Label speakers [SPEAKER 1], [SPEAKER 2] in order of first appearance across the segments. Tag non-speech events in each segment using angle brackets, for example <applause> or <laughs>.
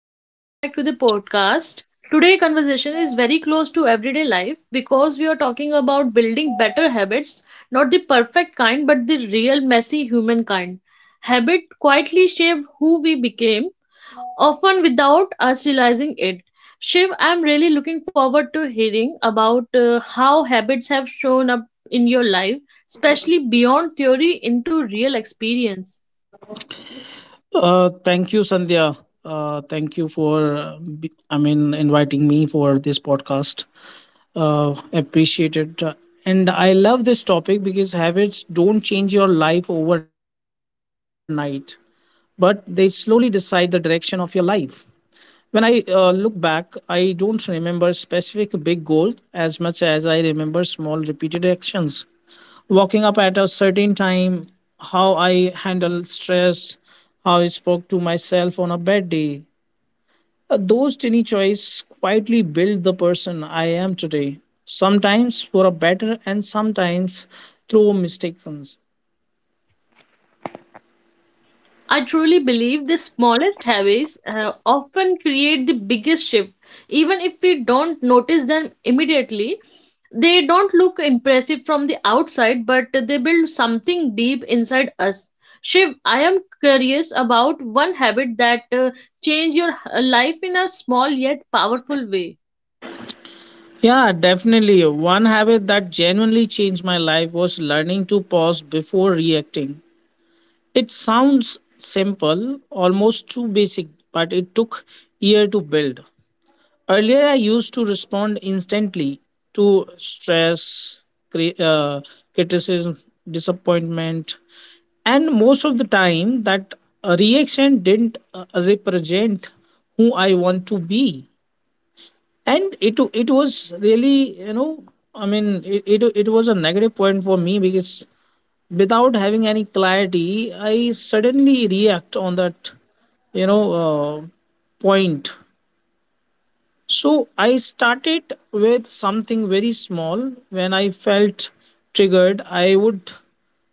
[SPEAKER 1] and welcome back to the podcast. Today, conversation is very close to everyday life because we are talking about building better habits, not the perfect kind, but the real messy human kind. Habit quietly shape who we became, often without us realizing it. Shiv, I'm really looking forward to hearing about how habits have shown up in your life, especially beyond theory into real experience.
[SPEAKER 2] Thank you, Sandhya. Thank you for, I mean, inviting me for this podcast. Appreciate it. And I love this topic because habits don't change your life overnight, but they slowly decide the direction of your life. When I look back, I don't remember specific big goal as much as I remember small repeated actions, waking up at a certain time, how I handle stress, how I spoke to myself on a bad day. Those tiny choices quietly build the person I am today, sometimes for a better and sometimes through mistakes.
[SPEAKER 1] I truly believe the smallest habits often create the biggest shift. Even if we don't notice them immediately, they don't look impressive from the outside, but they build something deep inside us. Shiv, I am curious about one habit that changed your life in a small yet powerful way.
[SPEAKER 2] Yeah, definitely. One habit that genuinely changed my life was learning to pause before reacting. It sounds simple, almost too basic, but it took year to build. Earlier, I used to respond instantly to stress, cri- uh, criticism, disappointment, and most of the time, that reaction didn't represent who I want to be. And it was really, I mean, it was a negative point for me because without having any clarity, I suddenly react on that, you know uh, point. So I started with something very small. When I felt triggered, I would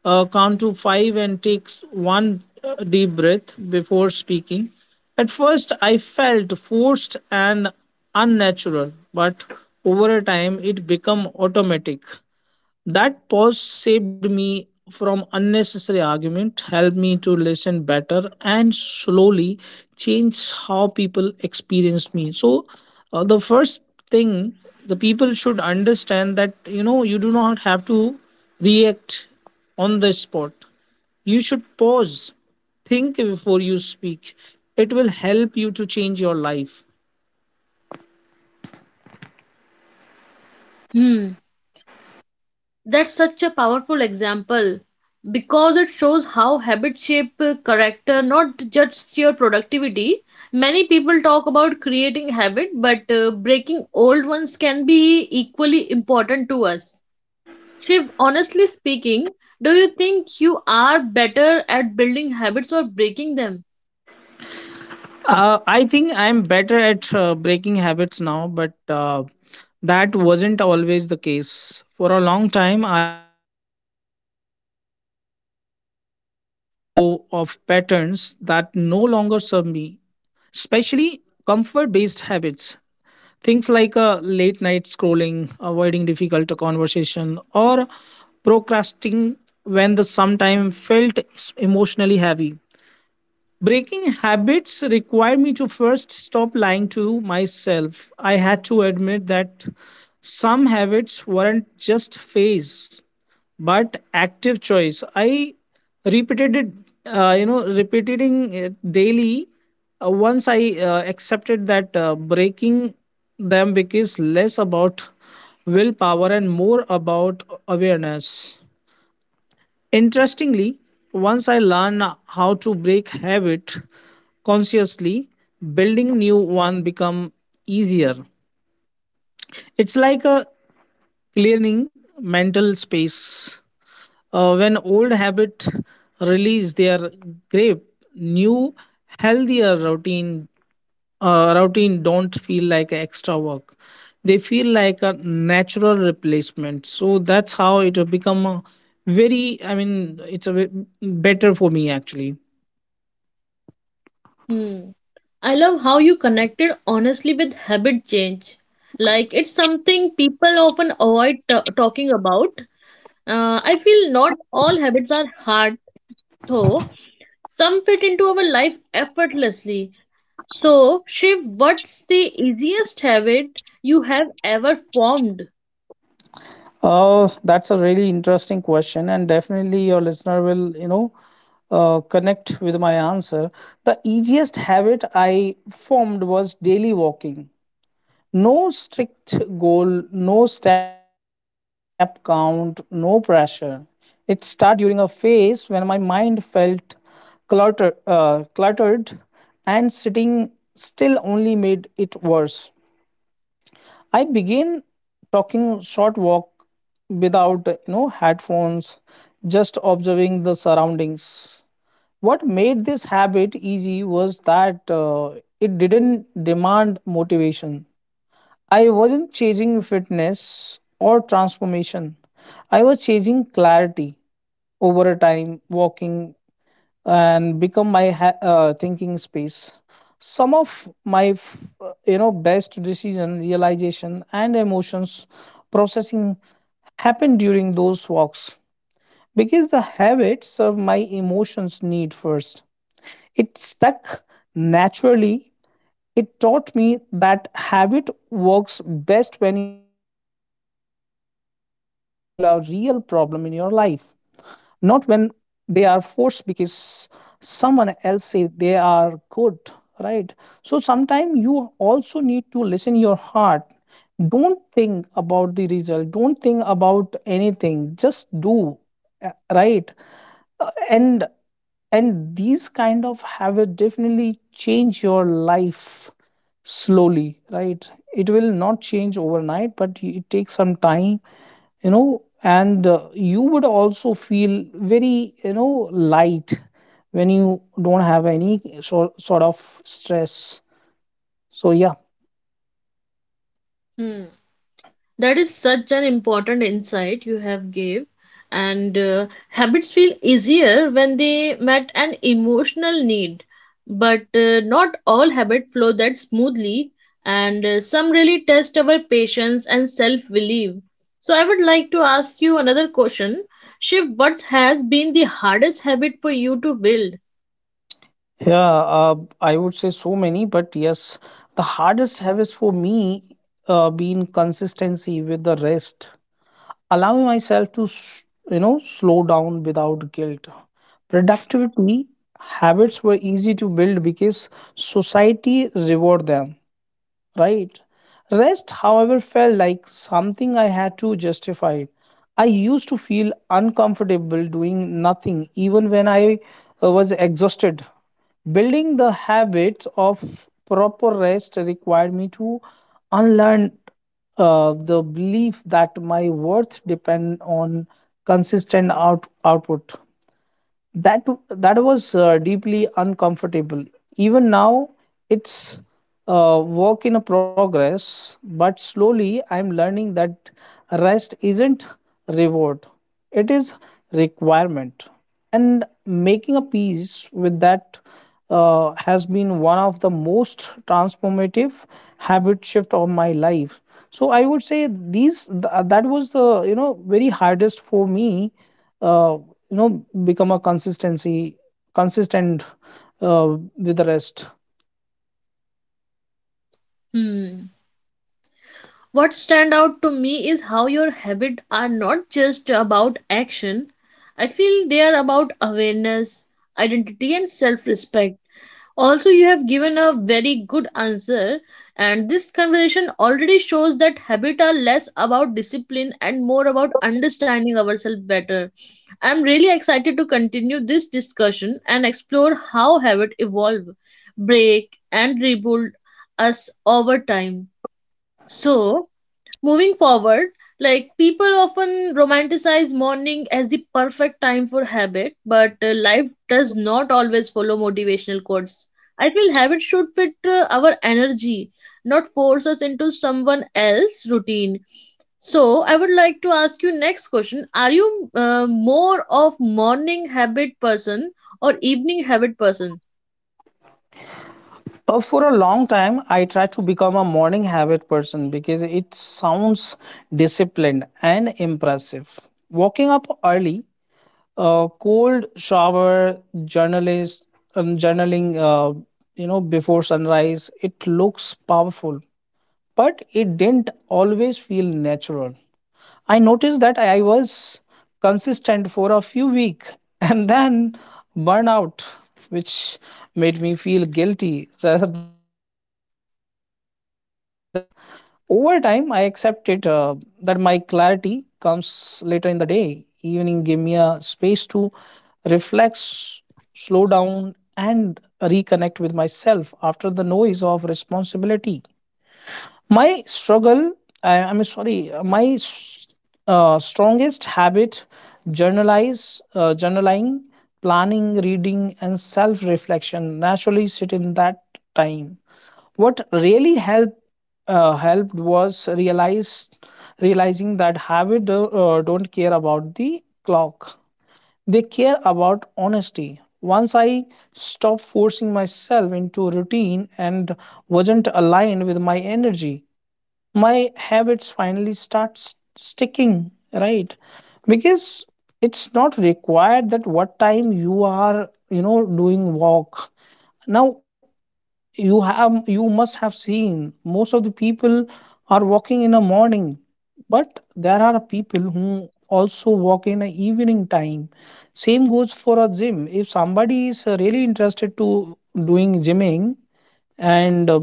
[SPEAKER 2] count to five and take one deep breath before speaking. At first, I felt forced and unnatural, but over a time, it became automatic. That pause saved me from unnecessary argument, helped me to listen better, and slowly change how people experience me. So, the first thing, the people should understand that, you do not have to react on the spot. You should pause, think before you speak. It will help you to change your life.
[SPEAKER 1] Hmm. That's such a powerful example because it shows how habit shape character, not just your productivity. Many people talk about creating habit, but breaking old ones can be equally important to us. Shiv, honestly speaking, do you think you are better at building habits or breaking them?
[SPEAKER 2] I think I'm better at breaking habits now, but that wasn't always the case. For a long time, I struggled with a letting go of patterns that no longer serve me, especially comfort based habits. Things like late night scrolling, avoiding difficult conversation, or procrastinating when the sometime felt emotionally heavy. Breaking habits required me to first stop lying to myself. I had to admit that some habits weren't just phase but active choice. I repeated it, repeating it daily. Once I accepted that, breaking them becomes less about willpower and more about awareness. Interestingly, once I learn how to break habit consciously, building new one become easier. It's like a clearing mental space. When old habit release their grip, new healthier routine don't feel like extra work. They feel like a natural replacement. So that's how it will become a very I mean it's a ve- better for me, actually.
[SPEAKER 1] Hmm. I love how you connected honestly with habit change. Like, it's something people often avoid talking about. I feel not all habits are hard, though. Some fit into our life effortlessly. So, Shiv, what's the easiest habit you have ever formed?
[SPEAKER 2] Oh, that's a really interesting question, and definitely your listener will, connect with my answer. The easiest habit I formed was daily walking. No strict goal, no step count, no pressure. It started during a phase when my mind felt cluttered, and sitting still only made it worse. I began talking short walk without, headphones, just observing the surroundings. What made this habit easy was that, it didn't demand motivation. I wasn't chasing fitness or transformation. I was chasing clarity. Over a time, walking and become my thinking space. Some of my, best decision, realization, and emotions processing happened during those walks because the habit served my emotions need first. It stuck naturally. It taught me that habit works best when they solve a real problem in your life, not when they are forced because someone else say they are good, right? So sometimes you also need to listen your heart. Don't think about the result, don't think about anything, just do, uh, right. Uh, and and these kind of habit definitely change your life slowly, right? It will not change overnight, but it takes some time, you know. And you would also feel very, light when you don't have any sort of stress. So, yeah.
[SPEAKER 1] Hmm. That is such an important insight you have gave, and habits feel easier when they met an emotional need, but not all habit flow that smoothly, and some really test our patience and self belief. So I would like to ask you another question. Shiv, what has been the hardest habit for you to build?
[SPEAKER 2] Yeah, uh, I would say so many, but yes, the hardest habits for me been consistency with the rest, allowing myself to slow down without guilt. Productivity habits were easy to build because society rewarded them, right? Rest, however, felt like something I had to justify. I used to feel uncomfortable doing nothing even when I was exhausted. Building the habits of proper rest required me to unlearn, the belief that my worth depend on consistent output. That was deeply uncomfortable. Even now, it's a work in a progress, but slowly I'm learning that rest isn't reward, it is requirement. And making a peace with that has been one of the most transformative habit shift of my life. So I would say that was the, very hardest for me. uh, you know Become a consistency consistent, with the rest.
[SPEAKER 1] Hmm. What stand out to me is how your habits are not just about action. I feel they are about awareness, identity and self-respect. Also, you have given a very good answer, and this conversation already shows that habits are less about discipline and more about understanding ourselves better. I'm really excited to continue this discussion and explore how habits evolve, break, and rebuild us over time. So, moving forward, like people often romanticize morning as the perfect time for habit, but life does not always follow motivational quotes. I feel habits should fit our energy, not force us into someone else's routine. So, I would like to ask you next question. Are you more of morning habit person or evening habit person?
[SPEAKER 2] For a long time, I tried to become a morning habit person because it sounds disciplined and impressive. Waking up early, cold shower, journalist journaling, before sunrise, it looks powerful. But it didn't always feel natural. I noticed that I was consistent for a few weeks <laughs> and then burnout, which made me feel guilty rather than motivated. Over time, I accepted, that my clarity comes later in the day. Evening gave me a space to reflect, slow down, and reconnect with myself after the noise of responsibility. My struggle, I mean, sorry, my strongest habit, journaling, planning, reading, and self reflection naturally sit in that time. What really helped was realize realizing that habit don't care about the clock. They care about honesty. Once I stopped forcing myself into routine and wasn't aligned with my energy, my habits finally start sticking, right? Because it's not required that what time you are, doing walk now. You must have seen most of the people are walking in the morning, but there are people who also walk in the evening time. Same goes for a gym if somebody is really interested to doing gymming and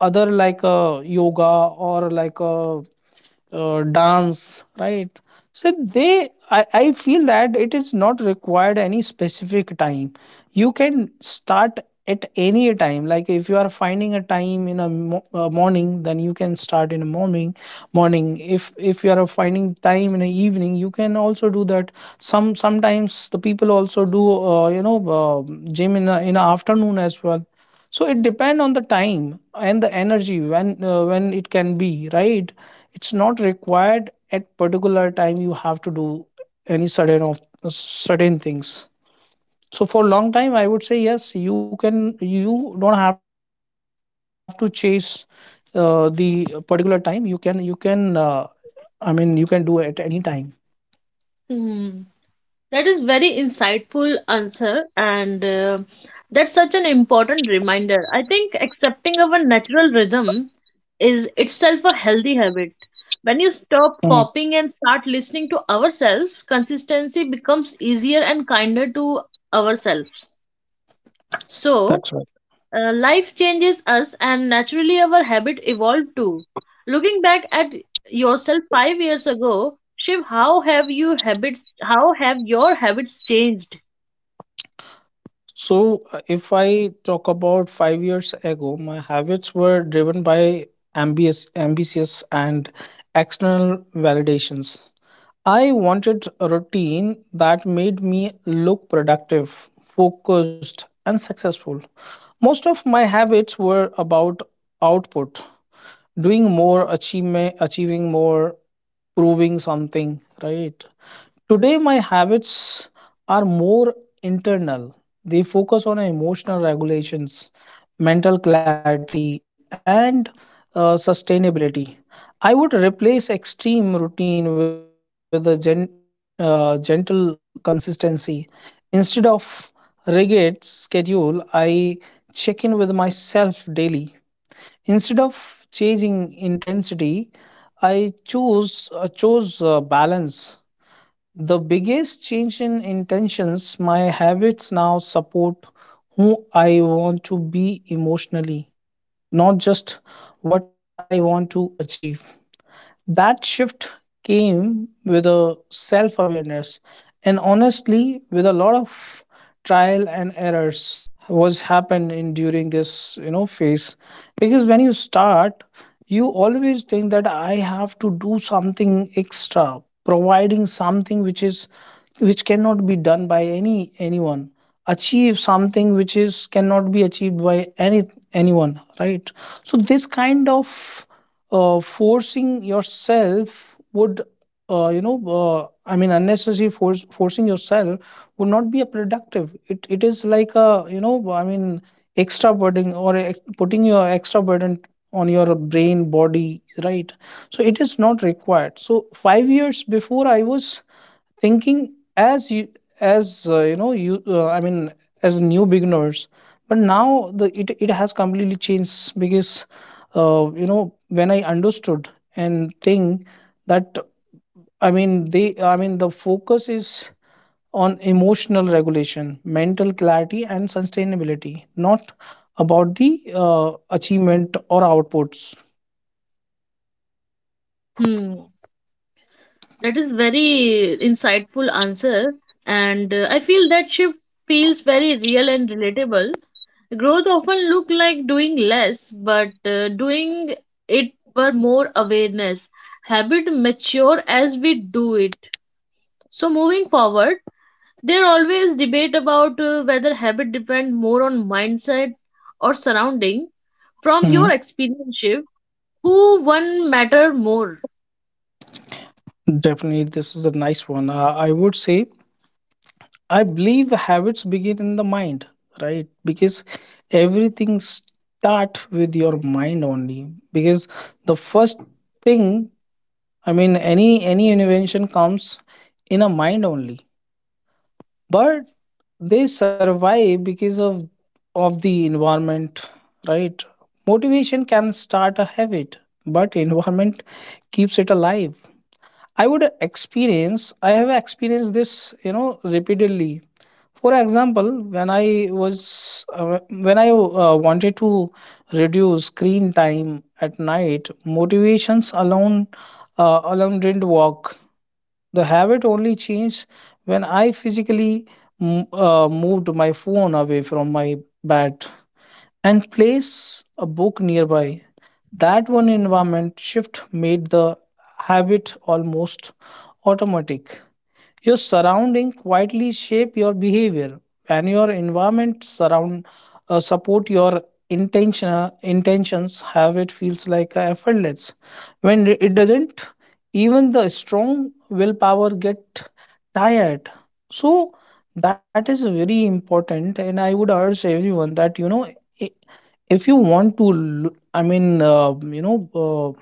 [SPEAKER 2] other like a yoga or like a dance, right? So they I feel that it is not required any specific time. You can start at any time. Like if you are finding a time in a morning, then you can start in a morning. If if you are finding time in the evening, you can also do that. Sometimes the people also do, gym in the afternoon as well. So it depend on the time and the energy when it can be, right? It's not required at particular time you have to do any certain of certain things. So for long time, I would say, yes, you don't have to chase the particular time. You can, I mean, you can do at any time.
[SPEAKER 1] Hmm. That is very insightful answer, and that's such an important reminder. I think accepting our natural rhythm is itself a healthy habit. When you stop
[SPEAKER 2] Mm,
[SPEAKER 1] copying and start listening to ourselves, consistency becomes easier and kinder to ourselves. So,
[SPEAKER 2] that's right.
[SPEAKER 1] life changes us, and naturally, our habit evolved too. Looking back at yourself 5 years ago, Shiv, how have you habits? How have your habits changed?
[SPEAKER 2] So, if I talk about 5 years ago, my habits were driven by ambitious and external validations. I wanted a routine that made me look productive, focused, and successful. Most of my habits were about output, doing more, achieving more, proving something, right? Today, my habits are more internal. They focus on emotional regulations, mental clarity, and sustainability. I would replace extreme routine with a gentle consistency. Instead of rigid schedule, I check in with myself daily. Instead of changing intensity, I choose chose balance. The biggest change in intentions, my habits now support who I want to be emotionally, not just what I want to achieve. That shift came with a self awareness, and honestly with a lot of trial and errors was happened in during this, phase. Because when you start, you always think that I have to do something extra, providing something which is, which cannot be done by anyone, achieve something which is cannot be achieved by anyone, right? So this kind of forcing yourself would, I mean, unnecessary force forcing yourself would not be a productive. It is like a, I mean, extra burden or putting your extra burden on your brain body, right? So it is not required. So 5 years before, I was thinking as you, as you know you I mean, as new beginners. But now it has completely changed. Because, uh, you know when I understood and think that, i mean they I mean the focus is on emotional regulation, mental clarity, and sustainability, not about the achievement or outputs.
[SPEAKER 1] Hmm, that is very insightful answer, and I feel that shift feels very real and relatable. Growth often look like doing less, but doing it for more awareness. Habit mature as we do it. So moving forward, there always debate about whether habit depend more on mindset or surrounding. From your
[SPEAKER 2] Hmm.
[SPEAKER 1] experience, Shiv, who one matter more?
[SPEAKER 2] Definitely, this is a nice one. I would say I believe habits begin in the mind, right? Because everything start with your mind only. Because the first thing, I mean, any invention comes in a mind only, but they survive because of the environment, right? Motivation can start a habit, but environment keeps it alive. I have experienced this, you know repeatedly. For example, when I was when I wanted to reduce screen time at night, motivations alone didn't work. The habit only changed when I physically moved my phone away from my bed and placed a book nearby. That one environment shift made the habit almost automatic. Your surrounding quietly shape your behavior. When your environment surround support your intentions, have it feels like effortless. When it doesn't, even the strong willpower get tired. So that is very important, and I would urge everyone that i- if you want to, you know. uh,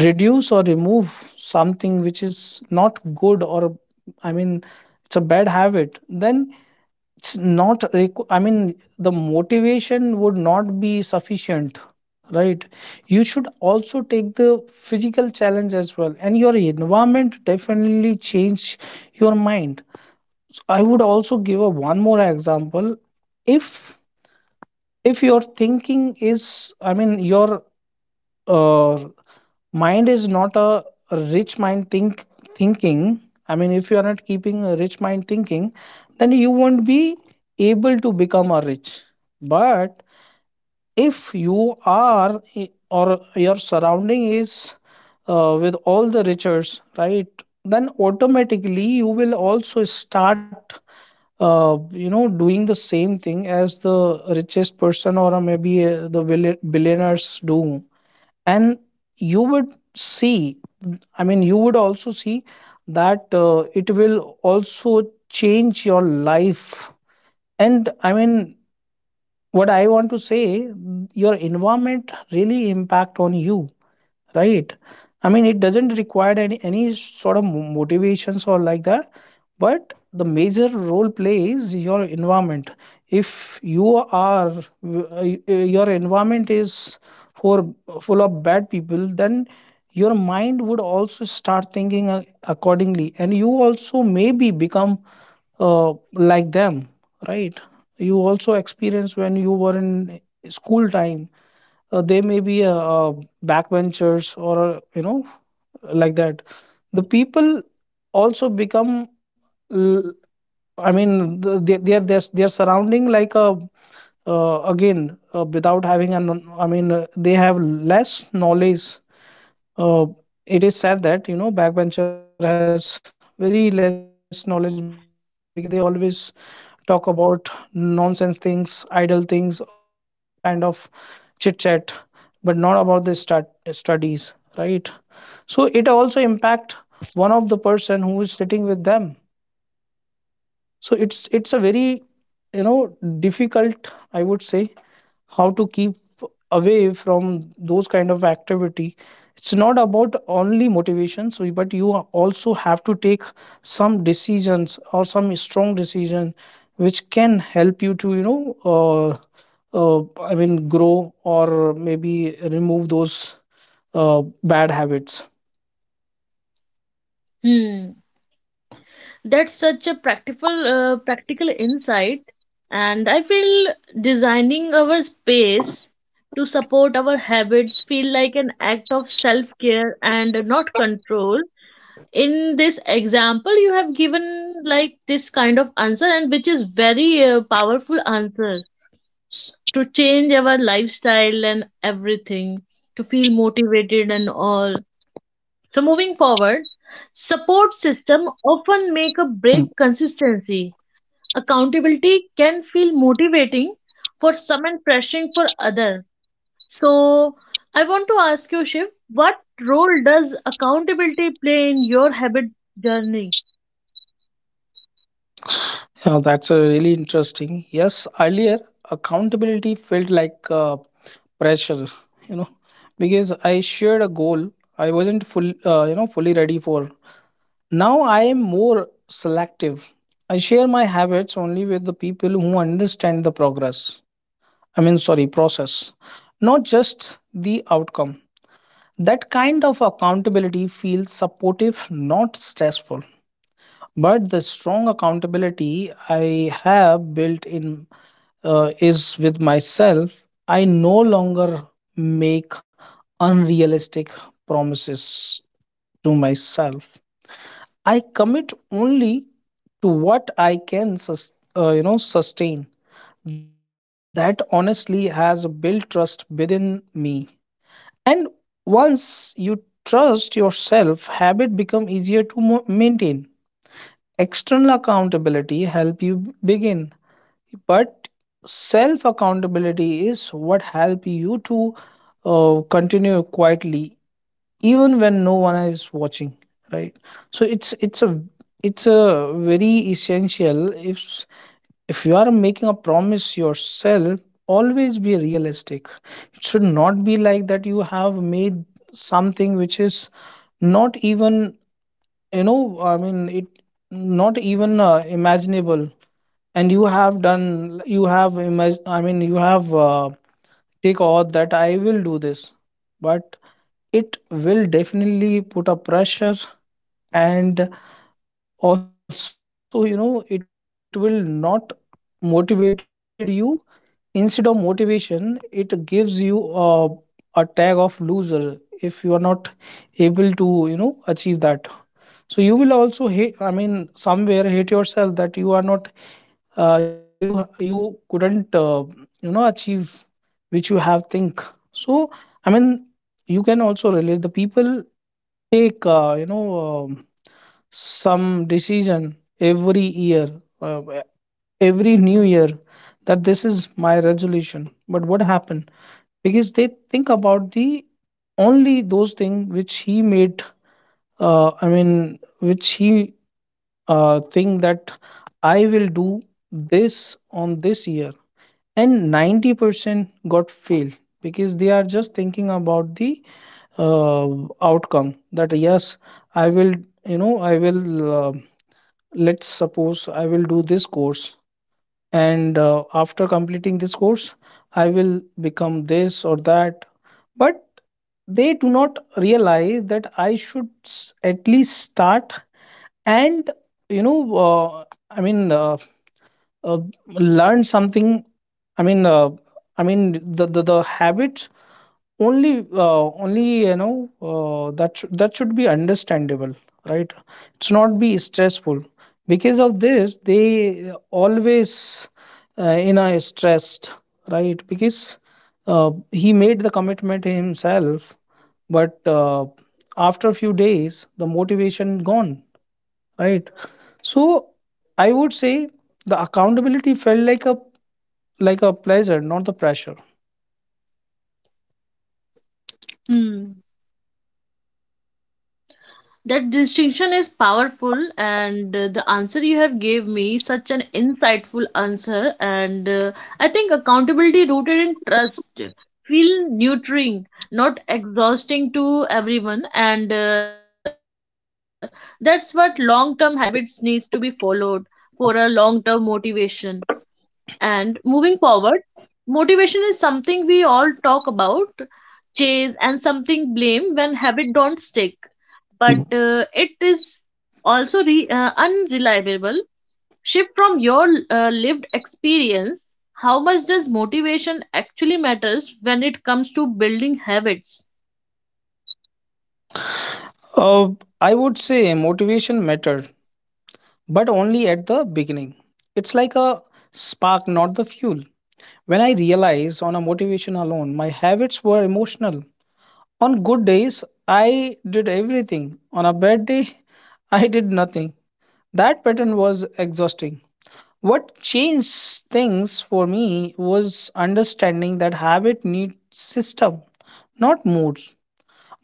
[SPEAKER 2] reduce or remove something which is not good, or I mean, it's a bad habit, then it's not requ- I mean the motivation would not be sufficient, right? You should also take the physical challenge as well, and your environment definitely change your mind. So I would also give a one more example. if if your thinking is, I mean, your uh, mind is not a rich mind thinking, if you are not keeping a rich mind thinking, then you won't be able to become a rich, but if you are I- or your surrounding is with all the riches, right? Then automatically you will also start uh, doing the same thing as the richest person, or maybe the billionaires do, and you would see. I mean, you would also see that it will also change your life. And I mean, what I want to say, your environment really impact on you, right? I mean, it doesn't require any sort of motivations or like that, but the major role plays your environment. If you are, your environment is for full of bad people, then your mind would also start thinking accordingly, and you also maybe become like them, right? You also experience when you were in school time, they may be backbenchers, or like that. The people also become l- they they're surrounding like a again without having an, I mean, they have less knowledge. Uh, it is said that you know backbencher has very less knowledge because they always talk about nonsense things, idle things, or maybe a different kind of chit chat, but not about the studies, right? So it also impact one of the person who is sitting with them. So it's a very, you know, difficult, I would say, how to keep away from those kind of activity. It's not about only motivation, so but you are also have to take some decisions or some strong decision which can help you to, you know, uh, uh, grow, or maybe remove those uh, bad habits.
[SPEAKER 1] Hmm. That's such a practical insight, and I feel designing our space to support our habits feel like an act of self-care and not control. In this example you have given like this kind of answer, and which is very powerful answer to change our lifestyle and everything, to feel motivated and all. So moving forward, support system often make a break consistency. Accountability can feel motivating for some and pressuring for other. So I want to ask you, Shiv, what role does accountability play in your habit journey?
[SPEAKER 2] Yeah, that's a really interesting. Yes, earlier accountability felt like pressure, you know, because I shared a goal I wasn't full, fully ready for. Now I am more selective. I share my habits only with the people who understand the progress. I mean, sorry, process, not just the outcome. That kind of accountability feels supportive, not stressful, but the strong accountability I have built in is with myself. I no longer make unrealistic promises to myself. I commit only to what I can sustain. That honestly has built trust within me, and once you trust yourself, habit become easier to maintain. External accountability help you begin, but self accountability is what help you to continue quietly, even when no one is watching, right? So it's a very essential. If you are making a promise yourself, always be realistic. It should not be like that you have made something which is not even, you know, I mean, it not even imaginable, and you have done, you have you have take oath that I will do this. But it will definitely put a pressure, and also you know it will not motivated you. Instead of motivation, it gives you a tag of loser if you are not able to, you know, achieve that. So you will also hate, I mean, somewhere hate yourself that you are not you couldn't, achieve which you have think. So I mean, you can also relate the people take some decision every year, uh, every new year, that this is my resolution. But what happened? Because they think about the only those things which he made, which he think that I will do this on this year, and 90% got fail because they are just thinking about the uh, outcome. That yes, I will, you know, I will uh, let's suppose I will do this course, and after completing this course I will become this or that. But they do not realize that I should at least start, and you know, uh, i mean uh, uh, learn something. I mean, uh, I mean, the habits only, that should be understandable, right? It should not be stressful. Because of this, they always uh, in a stressed, right? Because he made the commitment himself, but after a few days, the motivation gone, right? So I would say the accountability felt like a pleasure, not the pressure.
[SPEAKER 1] Hmm. That distinction is powerful, and the answer you have gave me such an insightful answer. And I think accountability rooted in trust feel nurturing, not exhausting to everyone. And that's what long term habits needs to be followed for a long term motivation. And moving forward, motivation is something we all talk about, chase, and something blame when habit don't stick. But it is also unreliable shift from your lived experience. How much does motivation actually matters when it comes to building habits?
[SPEAKER 2] Uh, I would say motivation mattered, but only at the beginning. It's like a spark, not the fuel. When I realized on a motivation alone, my habits were emotional. On good days, I did everything. On a bad day, <laughs> I did nothing. That pattern was exhausting. What changed things for me was understanding that habit needs system, not moods.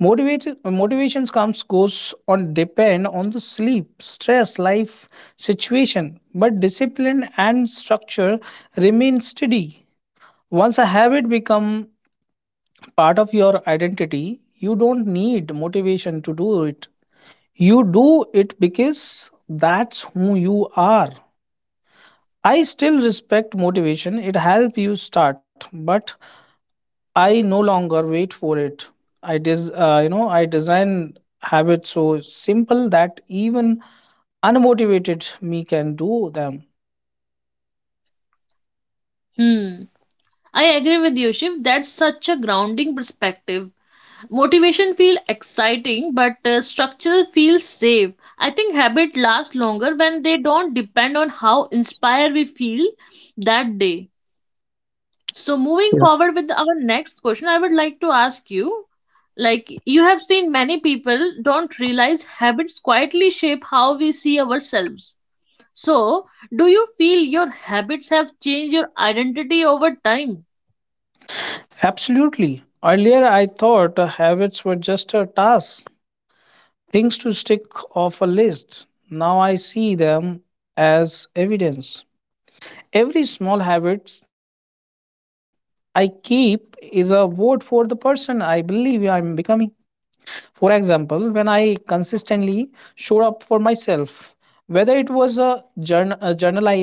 [SPEAKER 2] Motivation motivations comes goes on depend on the sleep, stress, life situation, but discipline and structure remain steady. Once a habit become part of your identity, you don't need motivation to do it. You do it because that's who you are. I still respect motivation. It helps you start, but I no longer wait for it. I design habits so simple that even unmotivated me can do them.
[SPEAKER 1] Hmm. I agree with you, Shiv, that's such a grounding perspective. Motivation feels exciting, but structure feels safe. I think habit lasts longer when they don't depend on how inspired we feel that day. So moving
[SPEAKER 2] Yeah.
[SPEAKER 1] forward with our next question, I would like to ask you, like you have seen many people don't realize habits quietly shape how we see ourselves. So, do you feel your habits have changed your identity over time?
[SPEAKER 2] Absolutely. Earlier I thought habits were just a task, things to stick off a list. Now I see them as evidence. Every small habit I keep is a vote for the person I believe I'm becoming. For example, when I consistently showed up for myself, whether it was a journalizing,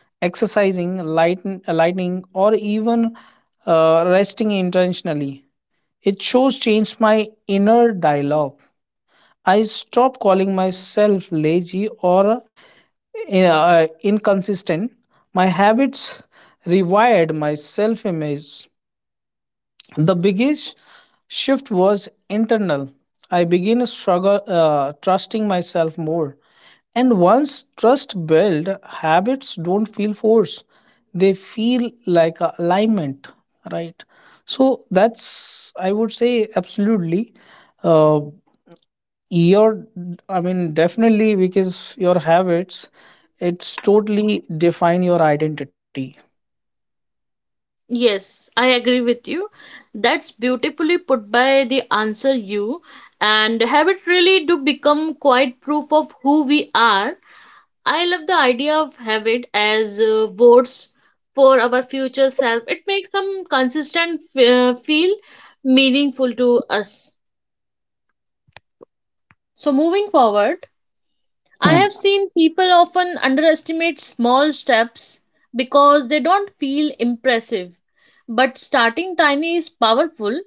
[SPEAKER 2] exercising, lightning, or even resting intentionally, it shows changed my inner dialogue. I stopped calling myself lazy or inconsistent. My habits rewired my self image. The biggest shift was internal. I began to struggle trusting myself more. And once trust built, habits don't feel forced. They feel like a alignment, right? So that's I would say absolutely. Uh, your, I mean, definitely, because your habits, it's totally define your identity.
[SPEAKER 1] Yes, I agree with you. That's beautifully put by the answer you, and habit really do become quite proof of who we are. I love the idea of habit as votes for our future self. It makes some consistent feel meaningful to us. So moving forward, I
[SPEAKER 2] Hmm.
[SPEAKER 1] have seen people often underestimate small steps because they don't feel impressive. But starting tiny is powerful.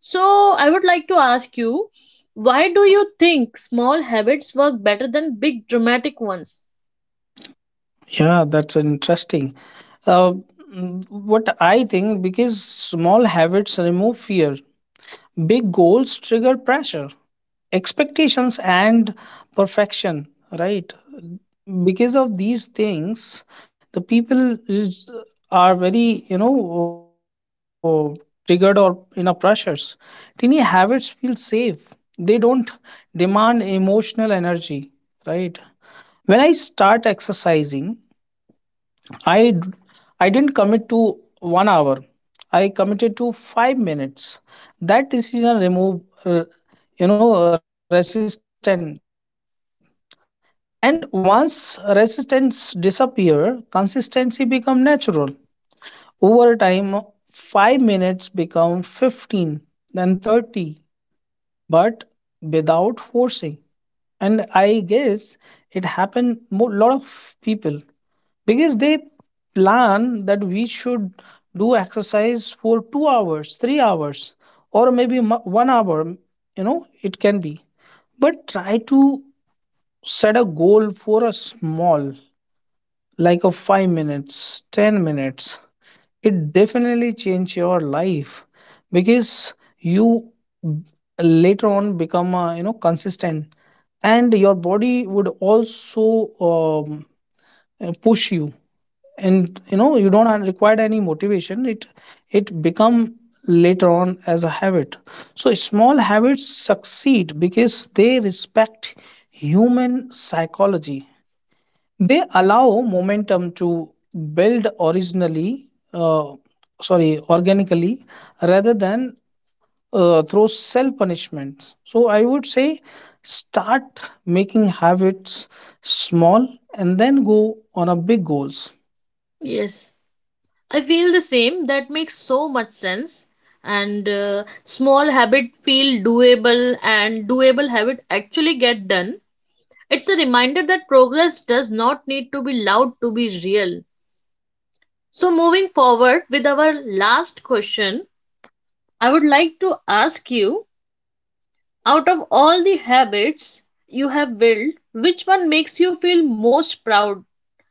[SPEAKER 1] So, I would like to ask you, why do you think small habits work better than big dramatic ones?
[SPEAKER 2] Yeah, that's interesting. Uh, what I think, because small habits remove fear, big goals trigger pressure, expectations, and perfection, right? Because of these things, the people is, are very, you know, triggered or in a pressures. Tiny habits feel safe, they don't demand emotional energy, right? When I start exercising, I d- I didn't commit to one hour. I committed to 5 minutes. That decision removed resistance, and once resistance disappear, consistency become natural. Over time, 5 minutes become 15, then 30, but without forcing. And I guess it happened a lot of people because they plan that we should do exercise for 2 hours, 3 hours, or maybe 1 hour, you know, it can be. But try to set a goal for a small, like a 5 minutes, 10 minutes. It definitely change your life, because you later on become consistent, and your body would also um, push you, and you know you don't have require any motivation. It become later on as a habit. So small habits succeed because they respect human psychology. They allow momentum to build originally sorry organically, rather than through self punishments. So I would say start making habits small, and then go on a big goals.
[SPEAKER 1] Yes, I feel the same. That makes so much sense. And small habit feel doable, and doable habit actually get done. It's a reminder that progress does not need to be loud to be real. So, moving forward with our last question, I would like to ask you, out of all the habits you have built, which one makes you feel most proud?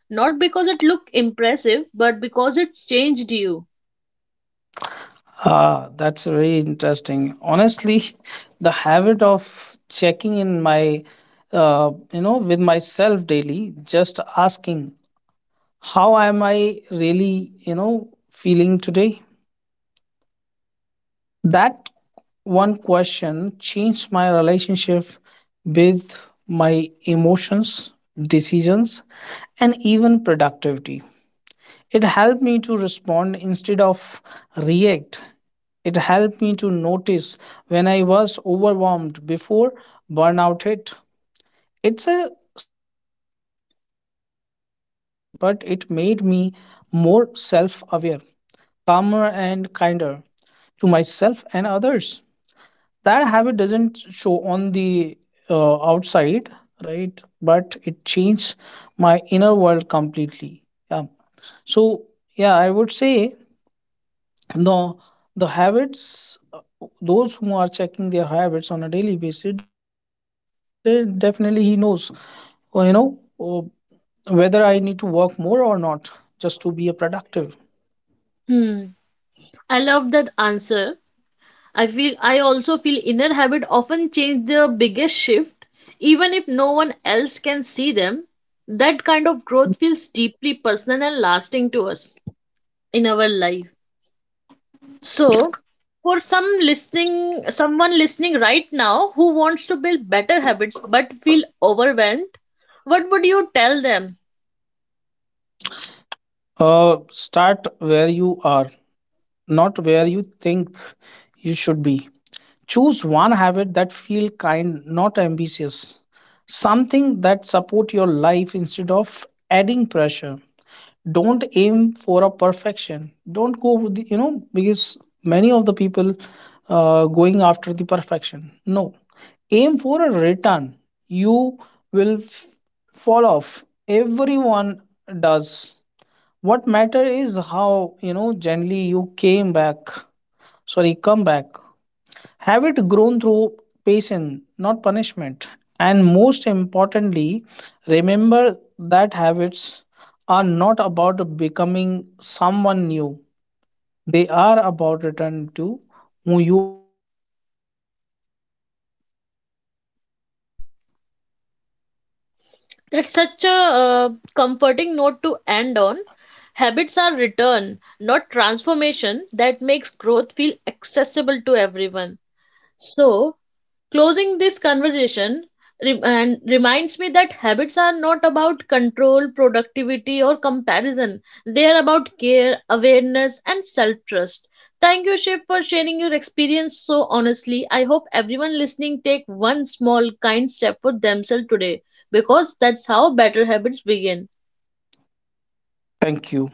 [SPEAKER 1] Not because it looked impressive, but because it changed you.
[SPEAKER 2] Ah, that's very interesting. Honestly, <laughs> the habit of checking in my, with myself daily, just asking, how am I really, you know, feeling today? That one question changed my relationship with my emotions, decisions, and even productivity. It helped me to respond instead of react. It helped me to notice when I was overwhelmed before burnout hit. It's a small habit, but it made me more self aware, calmer, and kinder to myself and others. That habit doesn't show on the outside, right? But it changed my inner world completely. Yeah. So, yeah, I would say the the habits, those who are checking their habits on a daily basis, they definitely he knows, or you know, or whether I need to work more or not, just to be a productive.
[SPEAKER 1] Hmm. I love that answer. I feel I also feel inner habit often change the biggest shift, even if no one else can see them. That kind of growth feels deeply personal and lasting to us in our life. So, for some listening, someone listening right now who wants to build better habits but feel overwhelmed, what would you tell them?
[SPEAKER 2] Uh, start where you are, not where you think you should be. Choose one habit that feel kind, not ambitious, something that support your life instead of adding pressure. Don't aim for a perfection, don't go with the, you know, because many of the people going after the perfection, no, aim for a return. You will fall off, everyone does. What matter is how, you know, generally you came back, sorry, come back. Have it grown through patience, not punishment. And most importantly, remember that habits are not about becoming someone new, they are about returning to who you already are more consistently.
[SPEAKER 1] That's such a comforting note to end on. Habits are return, not transformation, that makes growth feel accessible to everyone. So, closing this conversation and reminds me that habits are not about control, productivity, or comparison. They are about care, awareness, and self trust. Thank you, Shiv, for sharing your experience so honestly. I hope everyone listening take one small kind step for themselves today because that's how better habits begin.
[SPEAKER 2] Thank you.